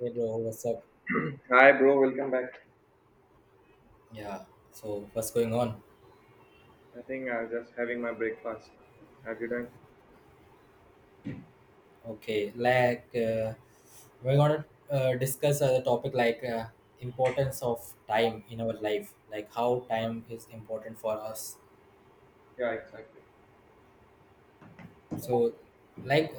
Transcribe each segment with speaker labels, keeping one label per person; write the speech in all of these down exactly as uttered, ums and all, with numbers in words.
Speaker 1: Hey bro, what's up?
Speaker 2: Hi, bro. Welcome back.
Speaker 1: Yeah. So what's going on?
Speaker 2: I think I was just having my breakfast. Have you done?
Speaker 1: Okay. Like uh, we're gonna uh, discuss a topic like uh, importance of time in our life, like how time is important for us.
Speaker 2: Yeah, exactly.
Speaker 1: So, like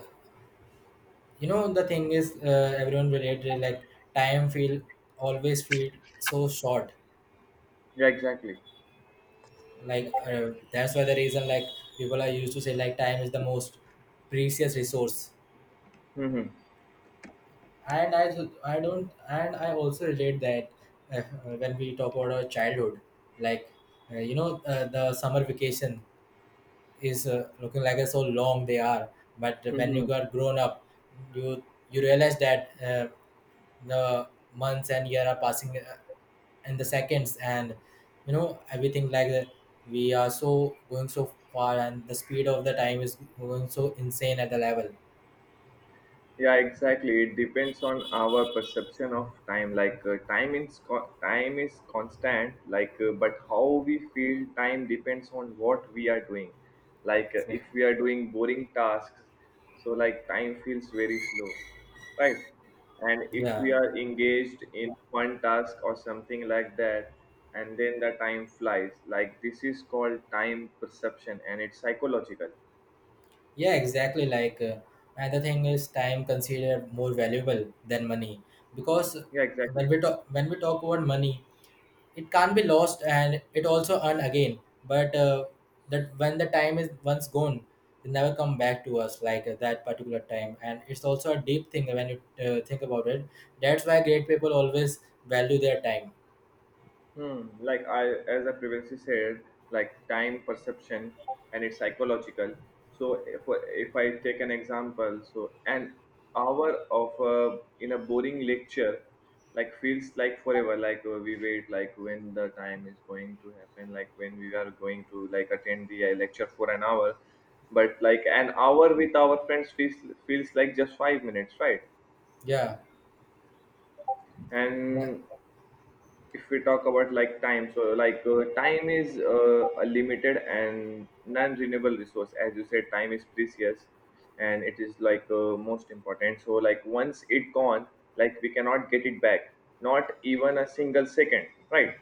Speaker 1: you know, the thing is, uh, everyone related like time feel always feel so short.
Speaker 2: Yeah, exactly.
Speaker 1: Like uh, that's why the reason like people are used to say like time is the most precious resource.
Speaker 2: Mm-hmm.
Speaker 1: And I, I don't, and I also relate that uh, when we talk about our childhood, like uh, you know uh, the summer vacation is uh, looking like so long they are, but when you got grown up you you realize that uh, the months and year are passing uh, in the seconds, and you know everything like that, we are so going so far and the speed of the time is going so insane at the level.
Speaker 2: Yeah, exactly. It depends on our perception of time. Like uh, time is co- time is constant. Like, uh, but how we feel time depends on what we are doing. Like, uh, if we are doing boring tasks, so like time feels very slow, right? And if
Speaker 1: Yeah.
Speaker 2: we are engaged in one task or something like that, and then the time flies. Like this is called time perception, and it's psychological.
Speaker 1: Yeah, exactly. Like uh, another thing is time considered more valuable than money, because
Speaker 2: Yeah, exactly.
Speaker 1: when we talk when we talk about money, it can't be lost and it also earned again. But uh, that, when the time is once gone, it never come back to us, like uh, that particular time. And it's also a deep thing when you uh, think about it. That's why great people always value their time.
Speaker 2: Hmm. Like I, as I previously said, like time perception and it's psychological. So if if I take an example, so an hour of uh, in a boring lecture, like feels like forever. Like uh, we wait, like when the time is going to happen, like when we are going to like attend the uh, lecture for an hour. But like an hour with our friends feels feels like just five minutes, right?
Speaker 1: Yeah.
Speaker 2: And if we talk about like time, so like uh, time is uh, a limited and non-renewable resource. As you said, time is precious, and it is like uh, most important. So like once it gone, like we cannot get it back, not even a single second, right?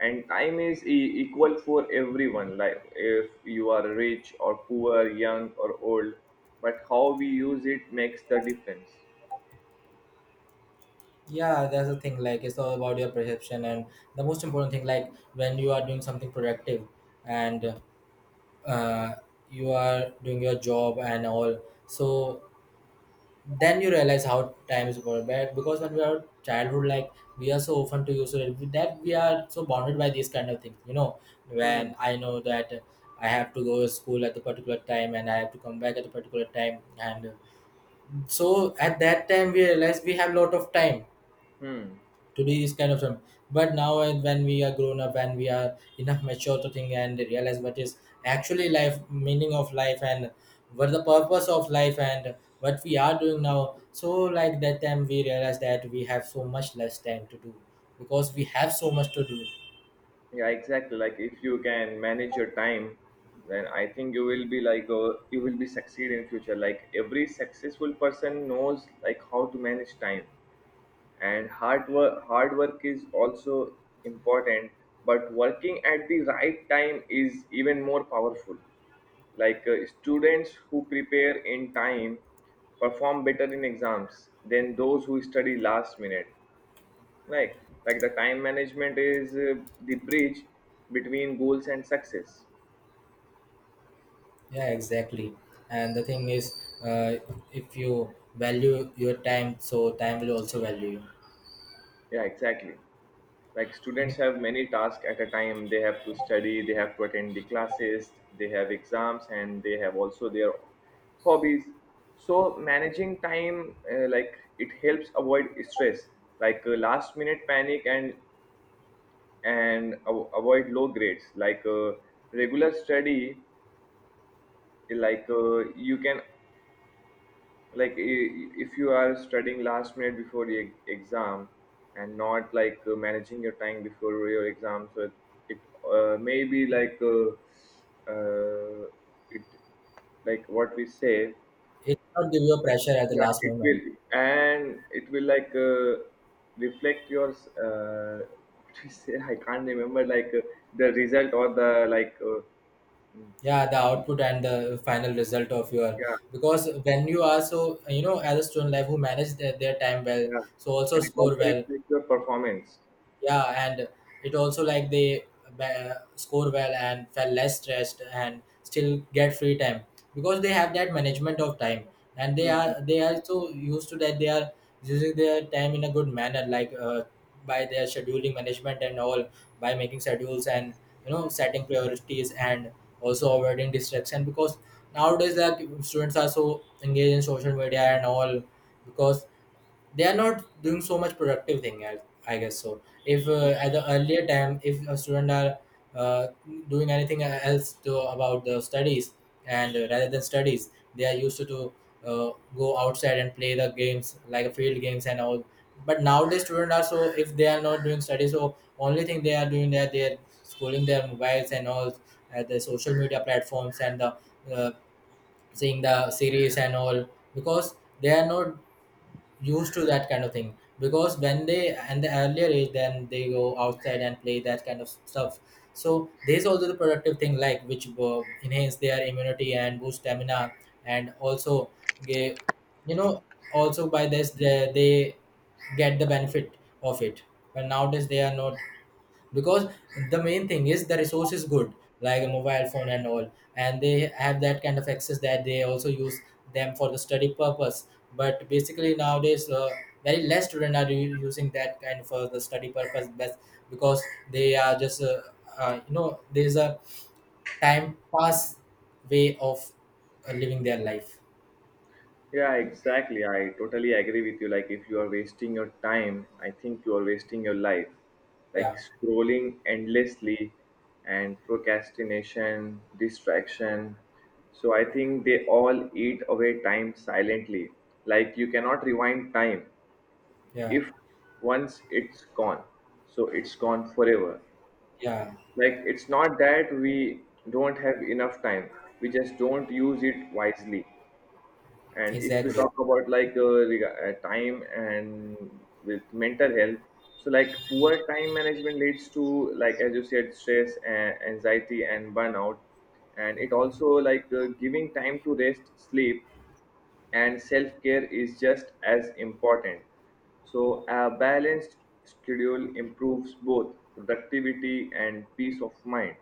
Speaker 2: And time is e- equal for everyone, like if you are rich or poor, young or old, but how we use it makes the difference.
Speaker 1: Yeah, that's the thing. Like it's all about your perception, and the most important thing, like when you are doing something productive, and uh, you are doing your job and all, so then you realize how time is going back. Because when we are childhood, like we are so often to use it that we are so bounded by these kind of things. You know,
Speaker 2: Hmm.
Speaker 1: when I know that I have to go to school at a particular time and I have to come back at a particular time, and so at that time we realize we have lot of time
Speaker 2: Hmm.
Speaker 1: today is kind of some, but now, and when we are grown up and we are enough mature to think and realize what is actually life, meaning of life, and what the purpose of life, and what we are doing now. So like that time we realize that we have so much less time to do because we have so much to do.
Speaker 2: Yeah, exactly. Like if you can manage your time, then I think you will be like uh, you will be succeed in future. Like every successful person knows like how to manage time, and hard work hard work is also important. But working at the right time is even more powerful. Like uh, students who prepare in time perform better in exams than those who study last minute. Like like the time management is uh, the bridge between goals and success.
Speaker 1: Yeah, exactly. And the thing is, uh, if you value your time, so time will also value
Speaker 2: Yeah, exactly. Like students
Speaker 1: you.
Speaker 2: have many tasks at a time. They have to study, they have to attend the classes, they have exams, and they have also their hobbies. So managing time, uh, like, it helps avoid stress, like uh, last minute panic, and and av- avoid low grades. Like uh, regular study, like uh, you can, like i- if you are studying last minute before the e- exam and not like uh, managing your time before your exam, so it, it uh, may be like uh, uh, it like what we say.
Speaker 1: It it not give you a pressure at the
Speaker 2: Yeah,
Speaker 1: last
Speaker 2: it
Speaker 1: moment.
Speaker 2: will and it will like uh, reflect your uh, what we say I can't remember, like uh, the result or the, like uh,
Speaker 1: Yeah, the output and the final result of your.
Speaker 2: yeah,
Speaker 1: Because when you are, so you know as a student life who manage their, their time well,
Speaker 2: yeah,
Speaker 1: so also
Speaker 2: and it
Speaker 1: score
Speaker 2: also
Speaker 1: well.
Speaker 2: reflects your performance.
Speaker 1: Yeah. And it also like they ba- score well and felt less stressed and still get free time, because they have that management of time, and they are they are so used to that they are using their time in a good manner, like uh, by their scheduling management and all, by making schedules, and you know setting priorities, and also avoiding distraction, because nowadays like students are so engaged in social media and all, because they are not doing so much productive thing. I, I guess so. If uh, at the earlier time, if a student are uh, doing anything else to, about the studies, and uh, rather than studies, they are used to, to uh, go outside and play the games like field games and all. But nowadays students are so, if they are not doing studies, so only thing they are doing that they are scrolling their mobiles and all at the social media platforms and the uh, seeing the series and all, because they are not used to that kind of thing. Because when they and the earlier age, then they go outside and play that kind of stuff, so there's also the productive thing, like which uh, enhance their immunity and boost stamina. And also, ge- you know also by this they, they get the benefit of it. But nowadays they are not, because the main thing is the resource is good, like a mobile phone and all, and they have that kind of access that they also use them for the study purpose. But basically nowadays uh, very less students are u- using that kind for the study purpose best, because they are just uh, uh, you know there's a time pass way of uh, living their life.
Speaker 2: Yeah, exactly. I totally agree with you. Like, if you are wasting your time, I think you are wasting your life. Like,
Speaker 1: Yeah,
Speaker 2: scrolling endlessly and procrastination, distraction. So, I think they all eat away time silently. Like, you cannot rewind time
Speaker 1: yeah,
Speaker 2: if once it's gone. So, it's gone forever.
Speaker 1: yeah,
Speaker 2: Like, it's not that we don't have enough time, we just don't use it wisely. And if we
Speaker 1: exactly.
Speaker 2: talk about like uh, rega- uh, time and with mental health, so like poor time management leads to, like as you said, stress, a- anxiety, and burnout. And it also, like uh, giving time to rest, sleep, and self care is just as important. So a balanced schedule improves both productivity and peace of mind.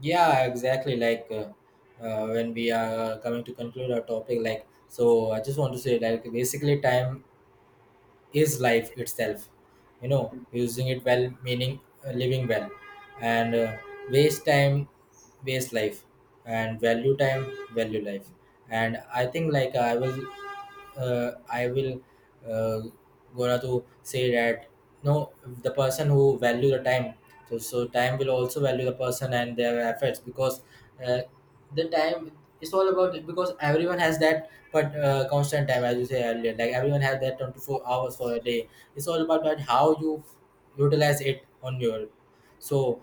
Speaker 1: Yeah, exactly. Like uh, uh, when we are coming to conclude our topic, like so, I just want to say, like basically, time is life itself. You know, using it well, meaning uh, living well, and uh, waste time, waste life, and value time, value life. And I think like I will uh, I will uh, gonna to say that, no, the person who value the time, so so time will also value the person and their efforts. Because uh, the time, it's all about it, because everyone has that. But uh, constant time, as you say earlier, like everyone has that twenty-four hours for a day. It's all about that how you utilize it on your, so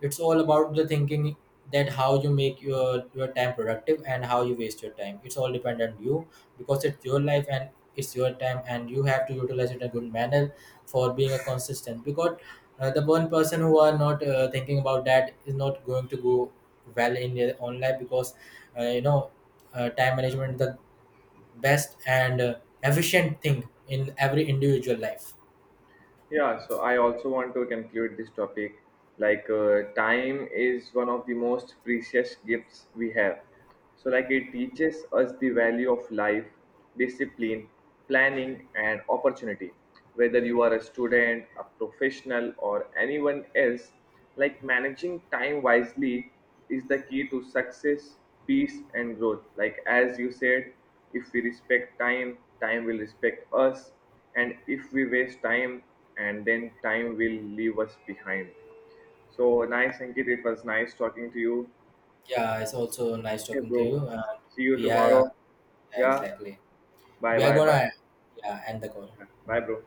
Speaker 1: it's all about the thinking that how you make your your time productive and how you waste your time. It's all dependent on you, because it's your life and it's your time, and you have to utilize it in a good manner for being a consistent. Because uh, the one person who are not uh, thinking about that is not going to go well in their own life, because uh, you know uh, time management is the best and uh, efficient thing in every individual life.
Speaker 2: Yeah, so I also want to conclude this topic. Like, uh, time is one of the most precious gifts we have. So, like, it teaches us the value of life, discipline, planning, and opportunity. Whether you are a student, a professional, or anyone else, like, managing time wisely is the key to success, peace, and growth. Like as you said, if we respect time, time will respect us, and if we waste time, and then time will leave us behind. So nice, Ankit. It was nice talking to you.
Speaker 1: Yeah, it's also nice
Speaker 2: Okay,
Speaker 1: talking to
Speaker 2: bro.
Speaker 1: you. And
Speaker 2: See you
Speaker 1: we are yeah,
Speaker 2: tomorrow. Yeah.
Speaker 1: exactly.
Speaker 2: Bye,
Speaker 1: We are
Speaker 2: bye, bye.
Speaker 1: gonna, yeah, end the call.
Speaker 2: Yeah. Bye, bro.